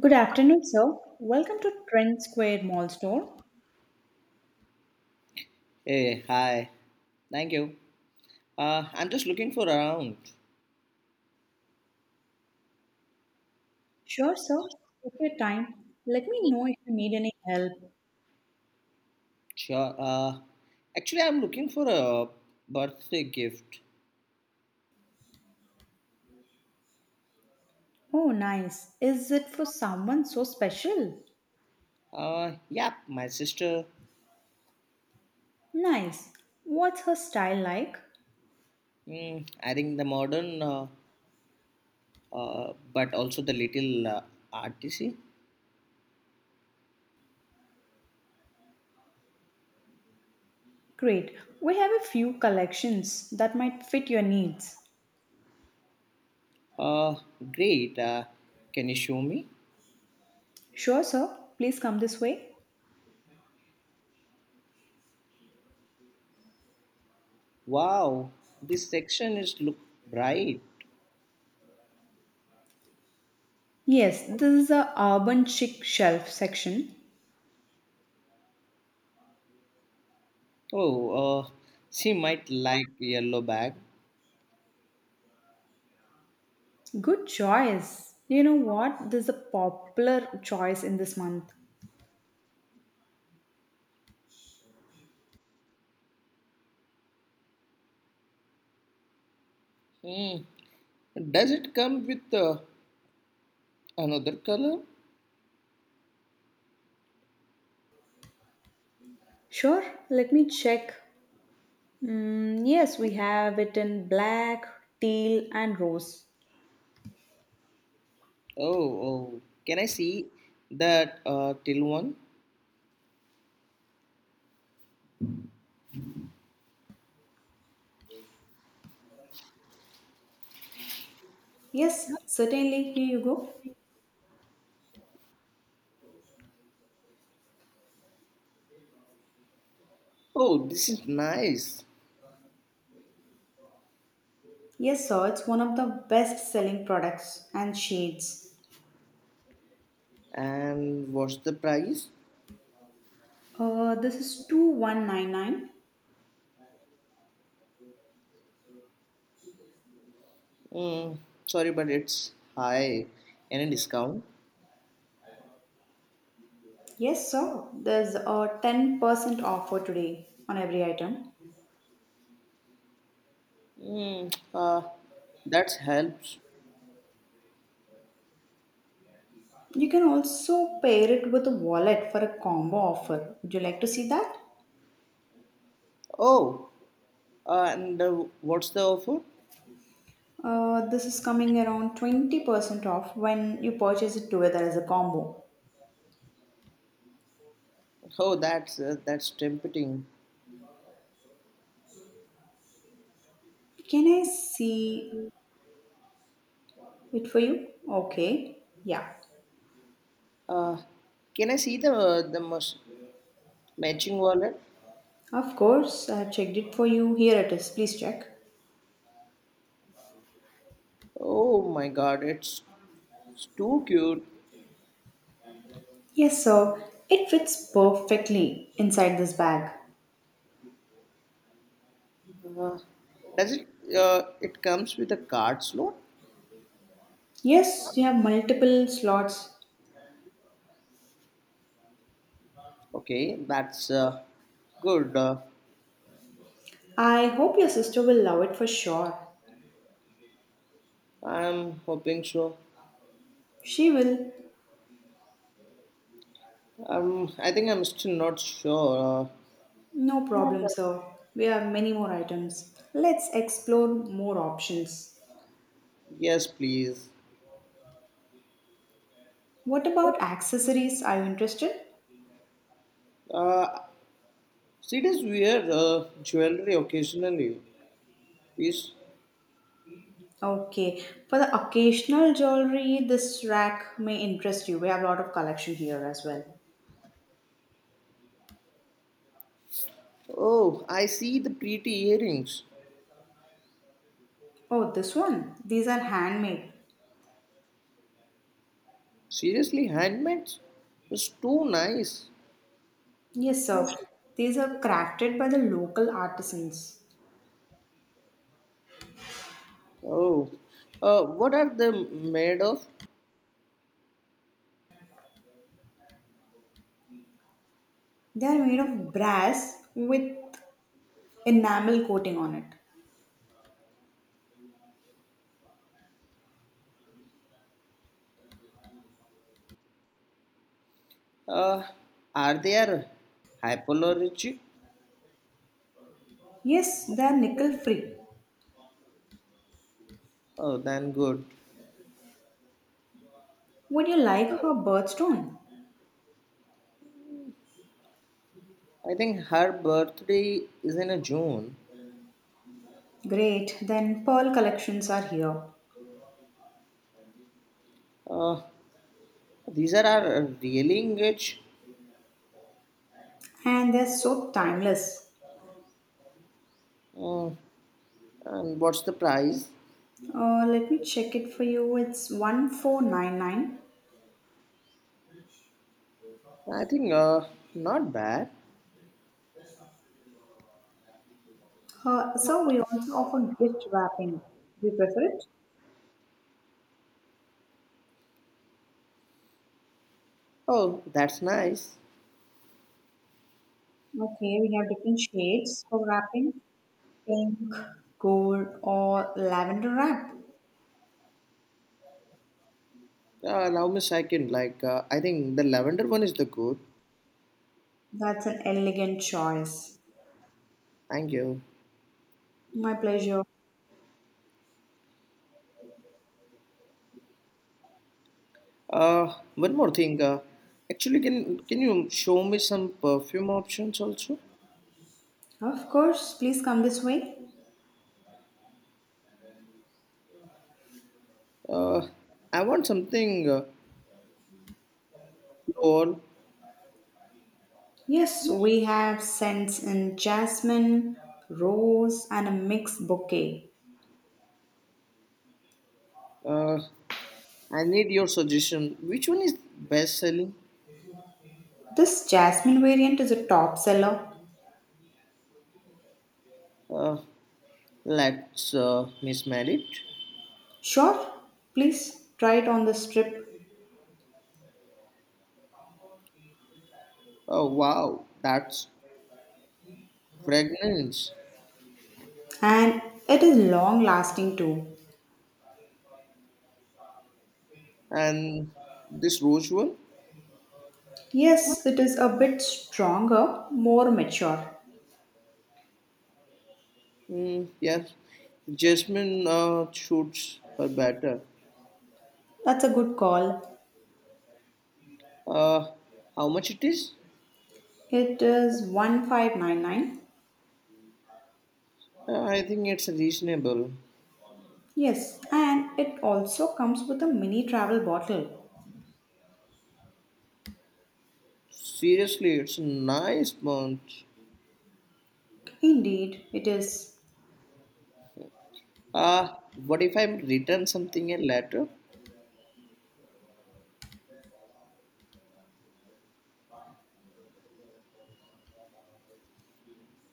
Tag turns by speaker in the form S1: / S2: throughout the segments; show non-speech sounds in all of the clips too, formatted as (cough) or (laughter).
S1: Good afternoon, sir. Welcome to Trend Square Mall Store.
S2: Hey, hi. Thank you. I'm just looking for around.
S1: Sure, sir. Take your time. Let me know if you need any help.
S2: Sure. Actually, I'm looking for a birthday gift.
S1: Oh, nice. Is it for someone so special?
S2: Yeah, my sister.
S1: Nice. What's her style like?
S2: I think the modern, but also the little artsy.
S1: Great. We have a few collections that might fit your needs.
S2: Uh, great. Can you show me?
S1: Sure, sir. Please come this way.
S2: Wow, this section is look bright.
S1: Yes, this is the urban chic shelf section.
S2: Oh, uh, she might like yellow bag.
S1: Good choice. You know what? This is a popular choice in this month.
S2: Hmm. Does it come with another color?
S1: Sure, let me check. Mm, yes, we have it in black, teal, and rose.
S2: Oh, can I see that till one?
S1: Yes, certainly. Here you go.
S2: Oh, this is nice.
S1: Yes, sir, it's one of the best selling products and shades.
S2: And what's the price?
S1: This is 2199.
S2: Mm, Sorry, but it's high. Any discount?
S1: Yes, sir, there's a 10% offer today on every item.
S2: Mm, uh, that helps.
S1: You can also pair it with a wallet for a combo offer. Would you like to see that?
S2: Oh, and what's the offer?
S1: This is coming around 20% off when you purchase it together as a combo.
S2: Oh, that's tempting.
S1: Can I see it for you? Okay. Yeah.
S2: Uh, can I see the matching wallet?
S1: Of course, I have checked it for you. Here it is. Please check.
S2: Oh my God, it's too cute.
S1: Yes, sir. It fits perfectly inside this bag.
S2: Uh, does it? It comes with a card slot.
S1: Yes, you have multiple slots.
S2: Okay, that's good.
S1: I hope your sister will love it for sure.
S2: I'm hoping so.
S1: She will.
S2: I think I'm still not sure.
S1: No problem, sir. We have many more items. Let's explore more options.
S2: Yes, please.
S1: What about accessories? Are you interested?
S2: Uh, CDs wear jewelry occasionally. Is.
S1: Okay. For the occasional jewelry, this rack may interest you. We have a lot of collection here as well.
S2: Oh, I see the pretty earrings.
S1: Oh, this one. These are handmade.
S2: Seriously, handmade? It's too nice.
S1: Yes, sir. These are crafted by the local artisans.
S2: Oh, what are they made of?
S1: They are made of brass with enamel coating on it.
S2: Uh, are they are hypoallergenic?
S1: Yes, they are nickel free.
S2: Oh, then good.
S1: Would you like her birthstone?
S2: I think her birthday is in a June.
S1: Great, then pearl collections are here.
S2: Uh, these are our really engaged.
S1: And they're so timeless.
S2: Uh, and what's the price?
S1: Let me check it for you. It's 1499.
S2: I think not bad.
S1: So we also offer gift wrapping. Do you prefer it?
S2: Oh, that's nice.
S1: Okay, we have different shades for wrapping: pink, gold, or lavender wrap.
S2: Allow me a second. Like I think the lavender one is the good.
S1: That's an elegant choice.
S2: Thank you.
S1: My pleasure.
S2: One more thing. Actually, can you show me some perfume options also?
S1: Of course, please come this way.
S2: Uh, I want something floral.
S1: Yes, we have scents in jasmine, rose, and a mixed bouquet.
S2: Uh, I need your suggestion. Which one is best selling?
S1: This jasmine variant is a top seller.
S2: Uh, let's mismeld it.
S1: Sure, please try it on the strip,
S2: Oh wow, that's fragrance.
S1: and it is long lasting too.
S2: And this rose one?
S1: Yes, it is a bit stronger, more mature.
S2: Mm, yes, Jasmine suits her better.
S1: That's a good call.
S2: Uh, how much it is?
S1: It is 1599.
S2: I think it's reasonable.
S1: Yes, and it also comes with a mini travel bottle.
S2: Seriously, it's a nice bunch.
S1: Indeed, it is.
S2: Uh, what if I return something in later?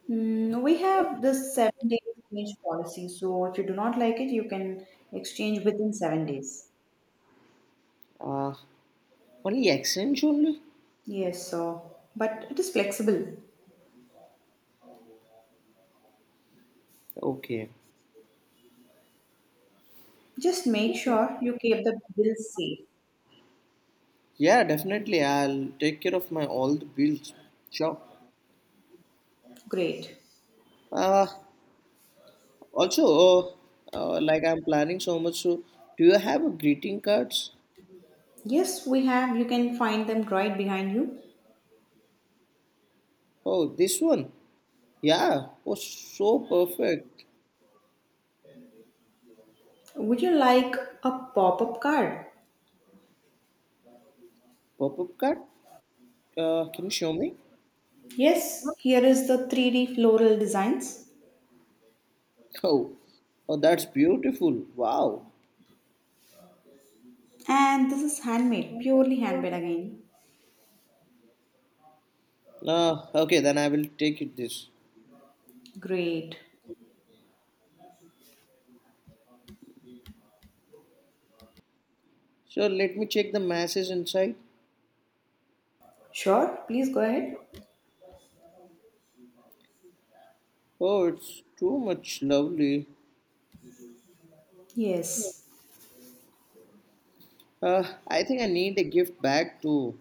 S1: Mm, we have this 7-day exchange policy, so if you do not like it, you can exchange within 7 days.
S2: Uh, only exchange only?
S1: Yes, so, but it is flexible.
S2: Okay.
S1: Just make sure you keep the bills safe.
S2: Yeah, definitely. I'll take care of my all the bills. Sure.
S1: Great.
S2: Uh, also, like I'm planning so much. So, do you have a greeting cards?
S1: Yes, we have. You can find them right behind you.
S2: Oh, this one. Yeah. Oh, so perfect.
S1: Would you like a pop up card?
S2: Pop-up card. Can you show me?
S1: Yes, here is the 3D floral designs.
S2: (laughs) Oh, oh, that's beautiful. Wow.
S1: And this is handmade, purely handmade again.
S2: Okay, then I will take it this.
S1: Great.
S2: So let me check the masses inside.
S1: Sure, please go ahead.
S2: Oh, it's too much lovely.
S1: Yes.
S2: I think I need a gift bag too.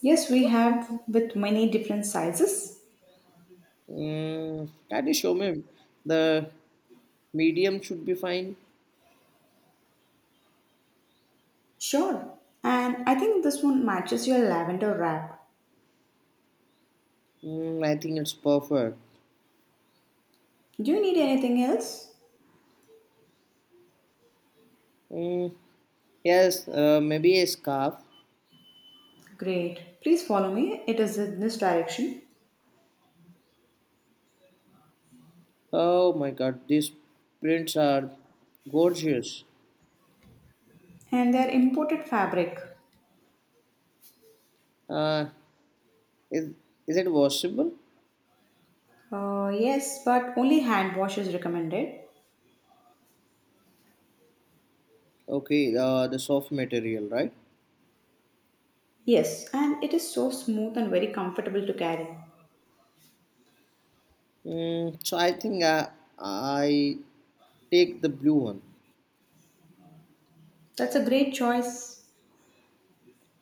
S1: Yes, we have with many different sizes.
S2: Mm, that is showman. The medium should be fine.
S1: Sure. And I think this one matches your lavender wrap.
S2: Mm, I think it's perfect.
S1: Do you need anything else?
S2: Mm, yes, maybe a scarf.
S1: Great. Please follow me. It is in this direction.
S2: Oh my god, these prints are gorgeous.
S1: And they are imported fabric.
S2: Uh, is, is it washable?
S1: Yes, but only hand wash is recommended.
S2: Okay, the soft material, right?
S1: Yes, and it is so smooth and very comfortable to carry.
S2: So I think I take the blue one.
S1: That's a great choice.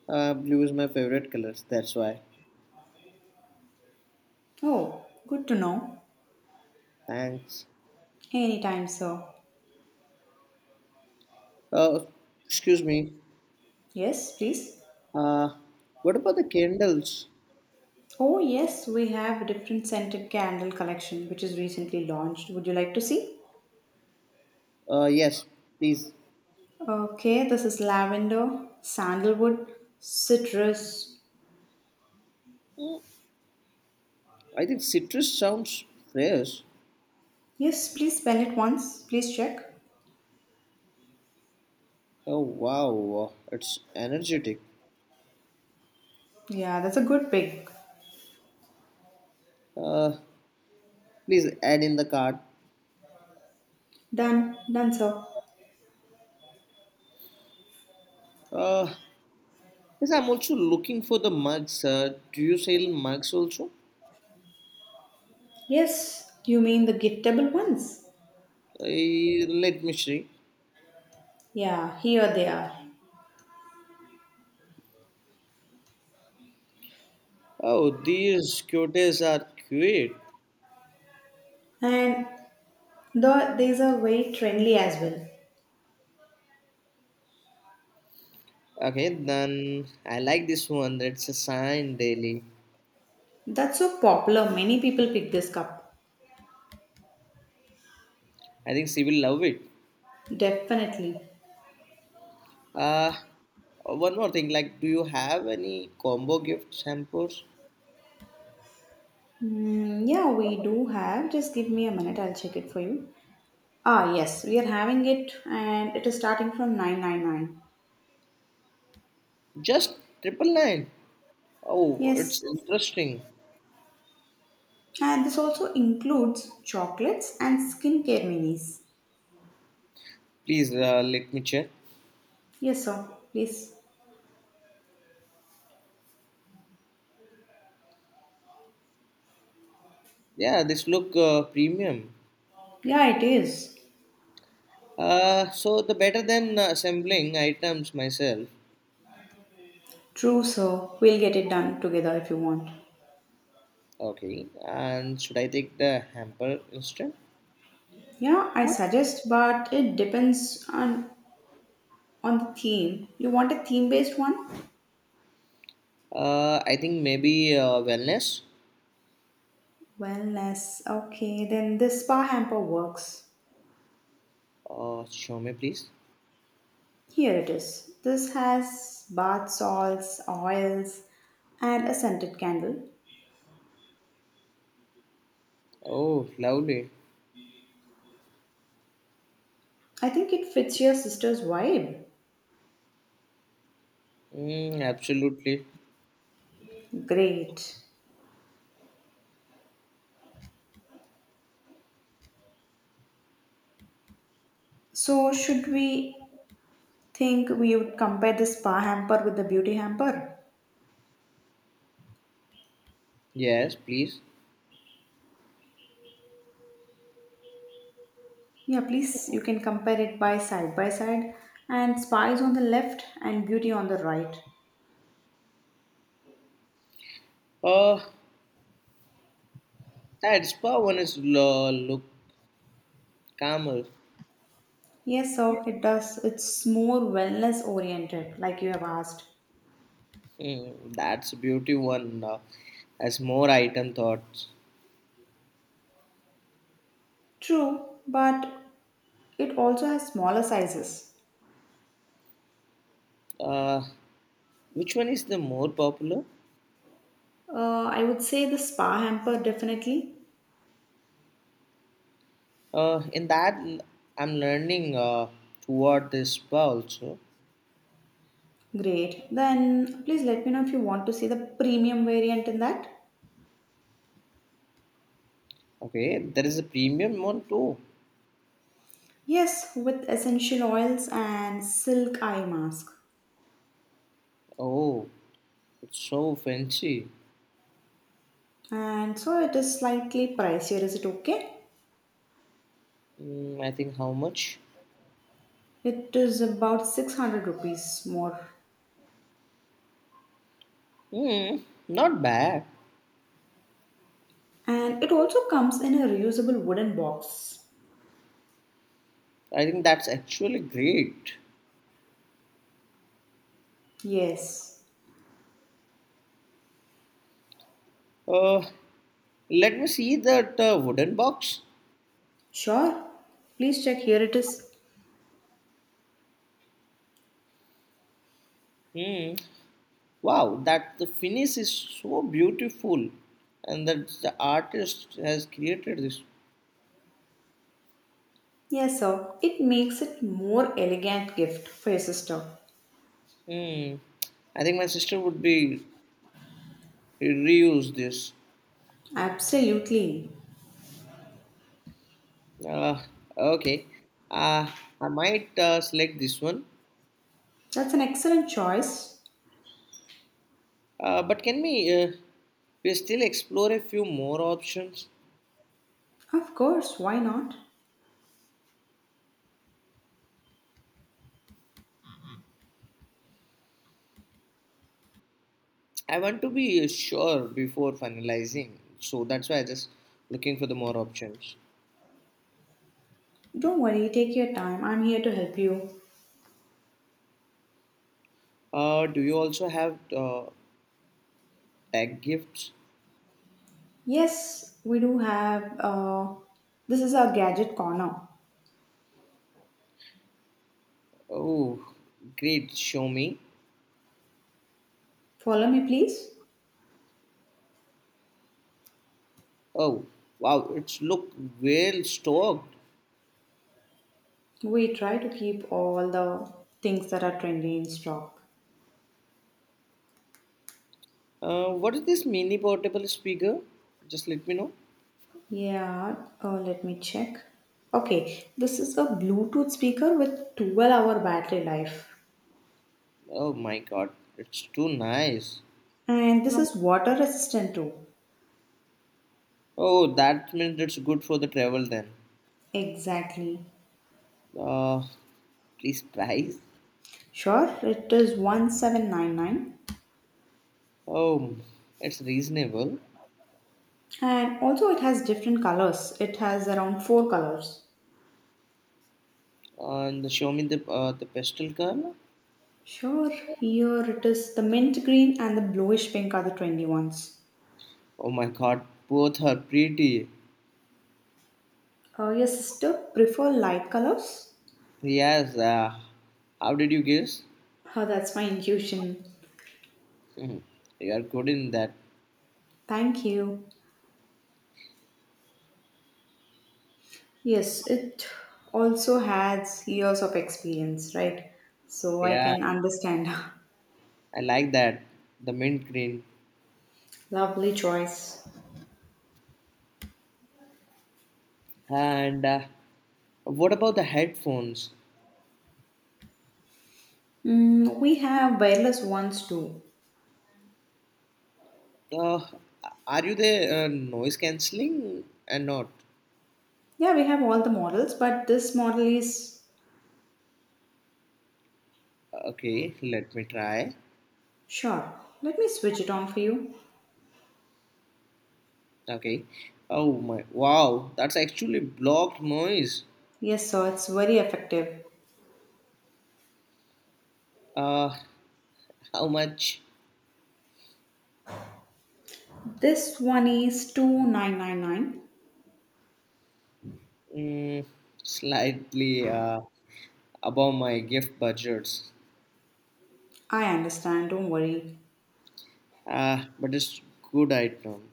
S2: Blue is my favorite colors, that's why.
S1: Oh, good to know.
S2: Thanks.
S1: Anytime, sir.
S2: Uh, excuse me.
S1: Yes, please.
S2: Uh, what about the candles?
S1: Oh, yes, we have a different scented candle collection which is recently launched. Would you like to see?
S2: Yes, please.
S1: Okay, this is lavender, sandalwood, citrus.
S2: I think citrus sounds fresh.
S1: Yes, please spell it once. Please check.
S2: Oh wow, it's energetic.
S1: Yeah, that's a good pick.
S2: Uh, Please add in the card.
S1: Done, sir.
S2: Uh, yes, I'm also looking for the mugs. Do you sell mugs also?
S1: Yes, you mean the giftable ones?
S2: Let me see.
S1: Yeah, here they are.
S2: Oh, these cuties are cute.
S1: And these are very trendy as well.
S2: Okay, then I like this one. It's a sign daily.
S1: That's so popular. Many people pick this cup.
S2: I think she will love it.
S1: Definitely.
S2: Uh, one more thing, like, do you have any combo gift samples?
S1: Mm, yeah, we do have. Just give me a minute. I'll check it for you. Ah, yes, we are having it, and it is starting from 999.
S2: Just triple nine. Oh, it's
S1: Yes,
S2: interesting.
S1: and this also includes chocolates and skincare minis.
S2: Please, let me check.
S1: Yes, sir. Please.
S2: Yeah, this look premium.
S1: Yeah, it is.
S2: So the better than assembling items myself.
S1: True, sir. We'll get it done together if you want.
S2: Okay, and should I take the hamper instead?
S1: Yeah, I suggest, but it depends on on the theme, you want a theme based one?
S2: I think maybe wellness.
S1: Wellness. Okay, then this spa hamper works.
S2: Show me, please.
S1: Here it is. This has bath salts, oils, and a scented candle.
S2: Oh, lovely.
S1: I think it fits your sister's vibe.
S2: Mm, absolutely.
S1: Great. So, should we think we would compare the spa hamper with the beauty hamper?
S2: Yes, please.
S1: Yeah, please, you can compare it by side by side. And spa is on the left and beauty on the right.
S2: Uh, That spa one is look calmer.
S1: Yes, so it does. It's more wellness oriented, like you have asked.
S2: Hmm, that's beauty one has more item thoughts.
S1: True, but it also has smaller sizes.
S2: Uh, which one is the more popular?
S1: I would say the spa hamper definitely.
S2: In that I'm learning toward this spa also.
S1: Great. Then please let me know if you want to see the premium variant in that.
S2: Okay, there is a premium one too.
S1: Yes, with essential oils and silk eye mask.
S2: Oh, it's so fancy.
S1: And so it is slightly pricier. Is it okay?
S2: Hmm, I think how much?
S1: It is about 600 rupees more.
S2: Hmm, not bad.
S1: And it also comes in a reusable wooden box.
S2: I think that's actually great.
S1: Yes.
S2: Uh, Let me see that wooden box.
S1: Sure. Please check, here it is.
S2: Hmm, wow, that the finish is so beautiful, and that the artist has created this.
S1: Yes, sir. It makes it more elegant gift for your sister.
S2: Hmm. I think my sister would be reuse this.
S1: Absolutely.
S2: Uh, okay, uh, I might uh, select this one.
S1: That's an excellent choice.
S2: But can we still explore a few more options?
S1: Of course, why not?
S2: I want to be sure before finalizing, so that's why I just looking for the more options.
S1: Don't worry, take your time. I'm here to help you.
S2: Do you also have tag gifts?
S1: Yes, we do have this is our gadget corner.
S2: Oh, great, show me.
S1: Follow me, please.
S2: Oh, wow, it's look well stocked.
S1: We try to keep all the things that are trendy in stock.
S2: What is this mini portable speaker? Just let me know.
S1: Yeah, let me check. Okay, this is a Bluetooth speaker with 12-hour battery life.
S2: Oh my god, it's too nice.
S1: And this is water resistant too.
S2: Oh, that means it's good for the travel then.
S1: Exactly.
S2: Uh, Please price.
S1: Sure, it is 1799.
S2: Oh, it's reasonable.
S1: And also, it has different colors. It has around four colors.
S2: And show me the pastel color.
S1: Sure, here it is, the mint green and the bluish pink are the trendy ones.
S2: Oh my god, both are pretty.
S1: Your sister prefer light colors?
S2: Yes, how did you guess?
S1: Oh, that's my intuition.
S2: (laughs) You are good in that.
S1: Thank you. Yes, it also has years of experience, right? So I
S2: Yeah,
S1: can understand.
S2: I like that. The mint green.
S1: (laughs) Lovely choice.
S2: And what about the headphones?
S1: Mm, we have wireless ones too.
S2: Uh, are you the noise cancelling and not?
S1: Yeah, we have all the models, but this model is.
S2: Okay, let me try.
S1: Sure. Let me switch it on for you.
S2: Okay. Oh my! Wow, that's actually blocked noise.
S1: Yes, sir, it's very effective.
S2: Uh, how much?
S1: This one is 2999.
S2: Mm, slightly above my gift budgets.
S1: I understand, don't worry.
S2: But it's good item.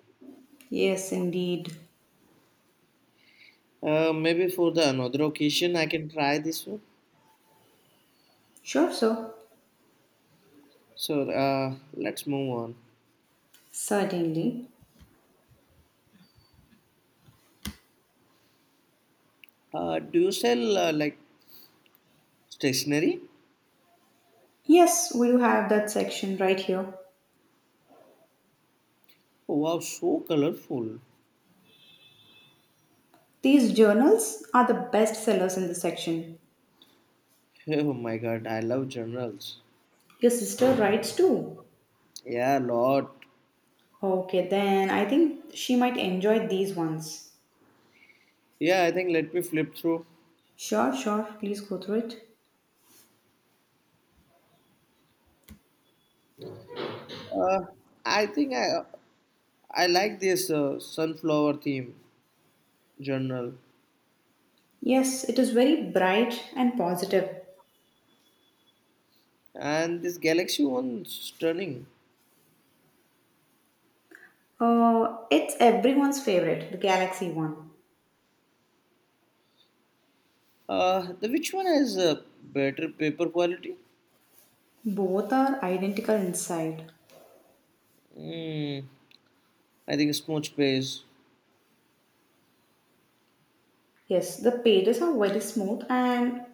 S1: Yes, indeed.
S2: Maybe for the another occasion I can try this one.
S1: Sure, sir.
S2: So, let's move on.
S1: Certainly.
S2: Do you sell like stationery?
S1: Yes, we do have that section right here.
S2: Oh, wow, so colorful. (laughs)
S1: These journals are the best sellers in this section.
S2: Oh my god, I love journals.
S1: Your sister writes too.
S2: Yeah, lot.
S1: Okay, then I think she might enjoy these ones.
S2: Yeah, I think let me flip through.
S1: Sure, sure. Please go through it.
S2: Uh, I think I like this sunflower theme journal
S1: Yes, it is very bright and positive.
S2: and this galaxy one's stunning.
S1: It's everyone's favorite, the Galaxy one.
S2: The which one has a better paper quality?
S1: Both are identical inside.
S2: Mm, I think smooth space.
S1: Yes, the pages are very smooth and,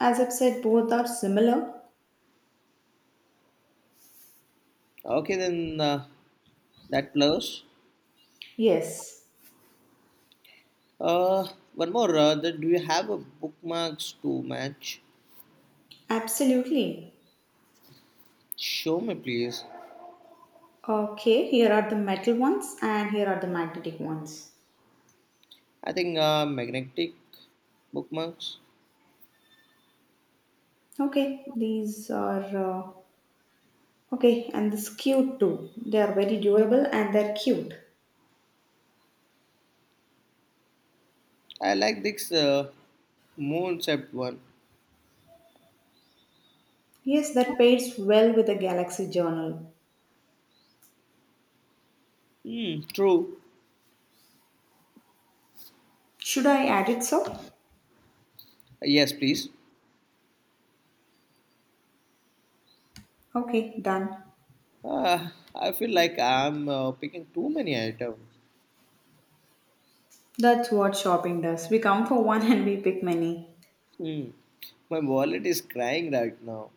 S1: as I've said, both are similar.
S2: Okay, then that plus.
S1: Yes,
S2: Uh, one more. That do you have a bookmarks to match?
S1: absolutely.
S2: Show me, please.
S1: Okay, here are the metal ones and here are the magnetic ones.
S2: I think magnetic bookmarks.
S1: Okay, these are okay, and this cute too. They are very durable and they're cute.
S2: I like this moon shaped one.
S1: Yes, that pairs well with the Galaxy Journal.
S2: Hmm. True.
S1: Should I add it so?
S2: Yes, please.
S1: Okay, done.
S2: Uh, I feel like I'm picking too many items.
S1: That's what shopping does. We come for one (laughs) and we pick many.
S2: Hmm. My wallet is crying right now.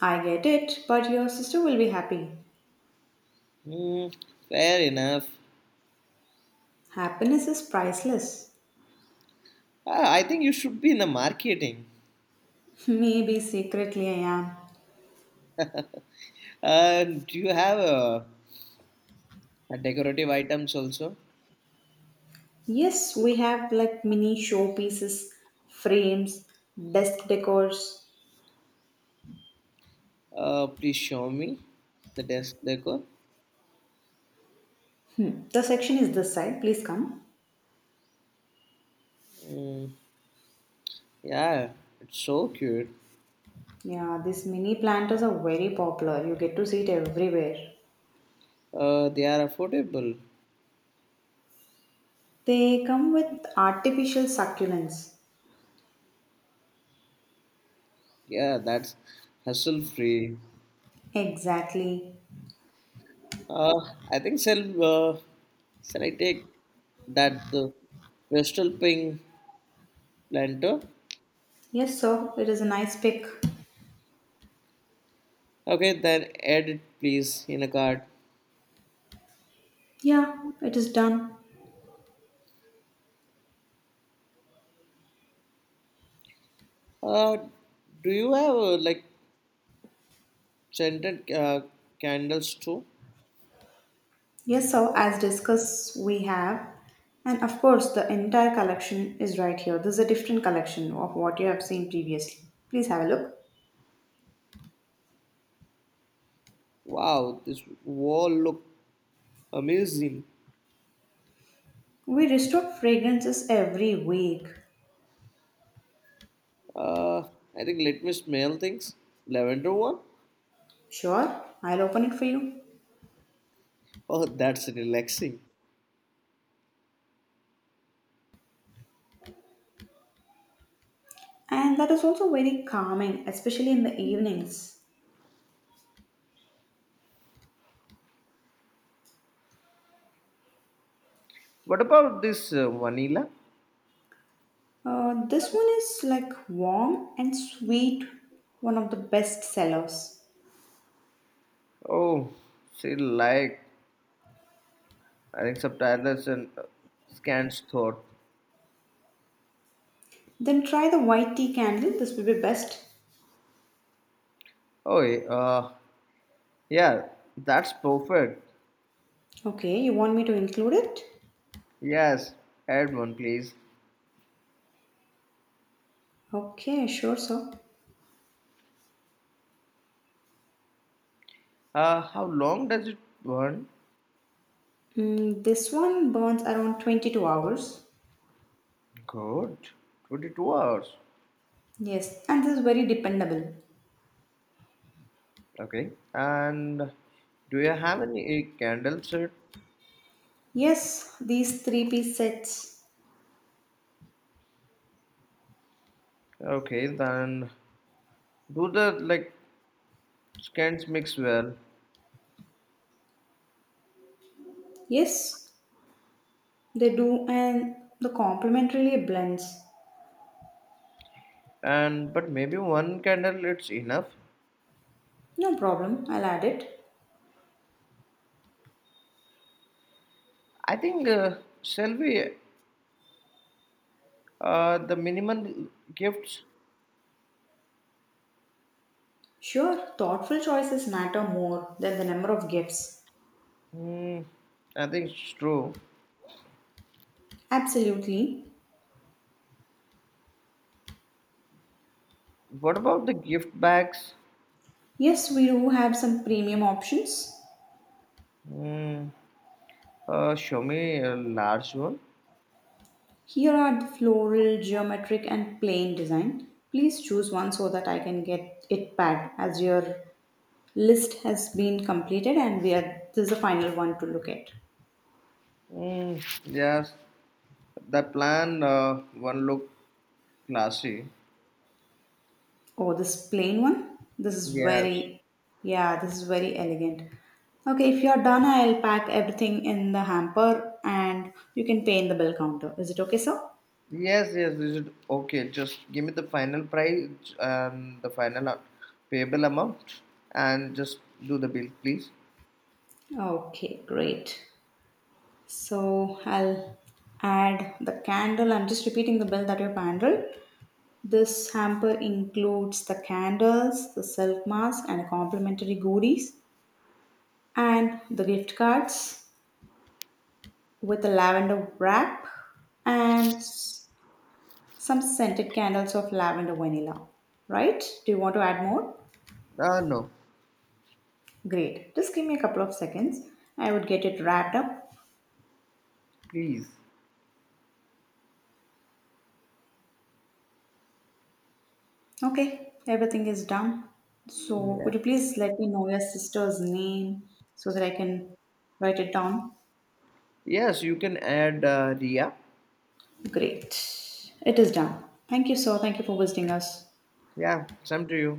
S1: I get it, but your sister will be happy.
S2: Hmm. Fair enough.
S1: Happiness is priceless.
S2: I think you should be in the marketing.
S1: (laughs) Maybe secretly I am.
S2: Do you have decorative items also?
S1: Yes, we have like mini showpieces, frames, desk decors.
S2: Please show me the desk decor.
S1: Hmm. The section is this side. Please come.
S2: Mm, yeah, it's so cute.
S1: Yeah, these mini planters are very popular. You get to see it everywhere.
S2: They are affordable.
S1: They come with artificial succulents.
S2: Yeah, that's hassle free.
S1: Exactly.
S2: Uh, I think shall I take that the Vestal Pink planter?
S1: Yes, sir. It is a nice pick.
S2: Okay, then add it please in a card.
S1: Yeah, it is done.
S2: Uh, do you have like scented candles too?
S1: Yes, sir. As discussed, we have. And of course, the entire collection is right here. This is a different collection of what you have seen previously. Please have a look.
S2: Wow, this wall look amazing.
S1: We restock fragrances every week.
S2: Uh, I think let me smell things. Lavender one?
S1: Sure, I'll open it for you.
S2: Oh, that's relaxing.
S1: And that is also very calming, especially in the evenings.
S2: What about this vanilla?
S1: This one is like warm and sweet, one of the best sellers.
S2: Oh, she like I think subtitles and scans thought.
S1: Then try the white tea candle, this will be best.
S2: Oh, yeah, that's perfect.
S1: Okay, you want me to include it?
S2: Yes, add one please.
S1: Okay, sure, sir.
S2: How long does it burn?
S1: Mm, this one burns around 22 hours.
S2: Good, 22 hours.
S1: Yes, and this is very dependable.
S2: Okay, and do you have any candle set?
S1: Yes, these three-piece sets.
S2: Okay, then do the like Scans mix well,
S1: Yes, they do, and the complementarily blends.
S2: and but maybe one candle it's enough.
S1: No problem, I'll add it.
S2: I think shall we the minimum gifts?
S1: Sure, thoughtful choices matter more than the number of gifts.
S2: Hmm, I think it's true.
S1: Absolutely.
S2: What about the gift bags?
S1: Yes, we do have some premium options.
S2: Hmm, show me a large one.
S1: Here are the floral, geometric, and plain design. Please choose one so that I can get it packed, as your list has been completed and we are this is the final one to look at.
S2: Hmm, yes, the plan one look classy.
S1: Oh, this plain one? This is
S2: Yes.
S1: very, yeah, this is very elegant. Okay, if you're done, I'll pack everything in the hamper and you can pay in the bill counter. Is it okay, sir?
S2: Yes, yes, we should. Okay, just give me the final price and the final payable amount and just do the bill, please.
S1: Okay, great. So I'll add the candle. I'm just repeating the bill that you've handled. This hamper includes the candles, the silk mask, and complimentary goodies, and the gift cards with a lavender wrap and some scented candles of lavender vanilla. Right? Do you want to add more?
S2: Ah, no,
S1: Great. Just give me a couple of seconds. I would get it wrapped up.
S2: please.
S1: Okay, everything is done. So,
S2: Yeah.
S1: could you please let me know your sister's name so that I can write it down?
S2: Yes, you can add Ria.
S1: Great. It is done. Thank you, sir. Thank you for visiting us.
S2: Yeah, same to you.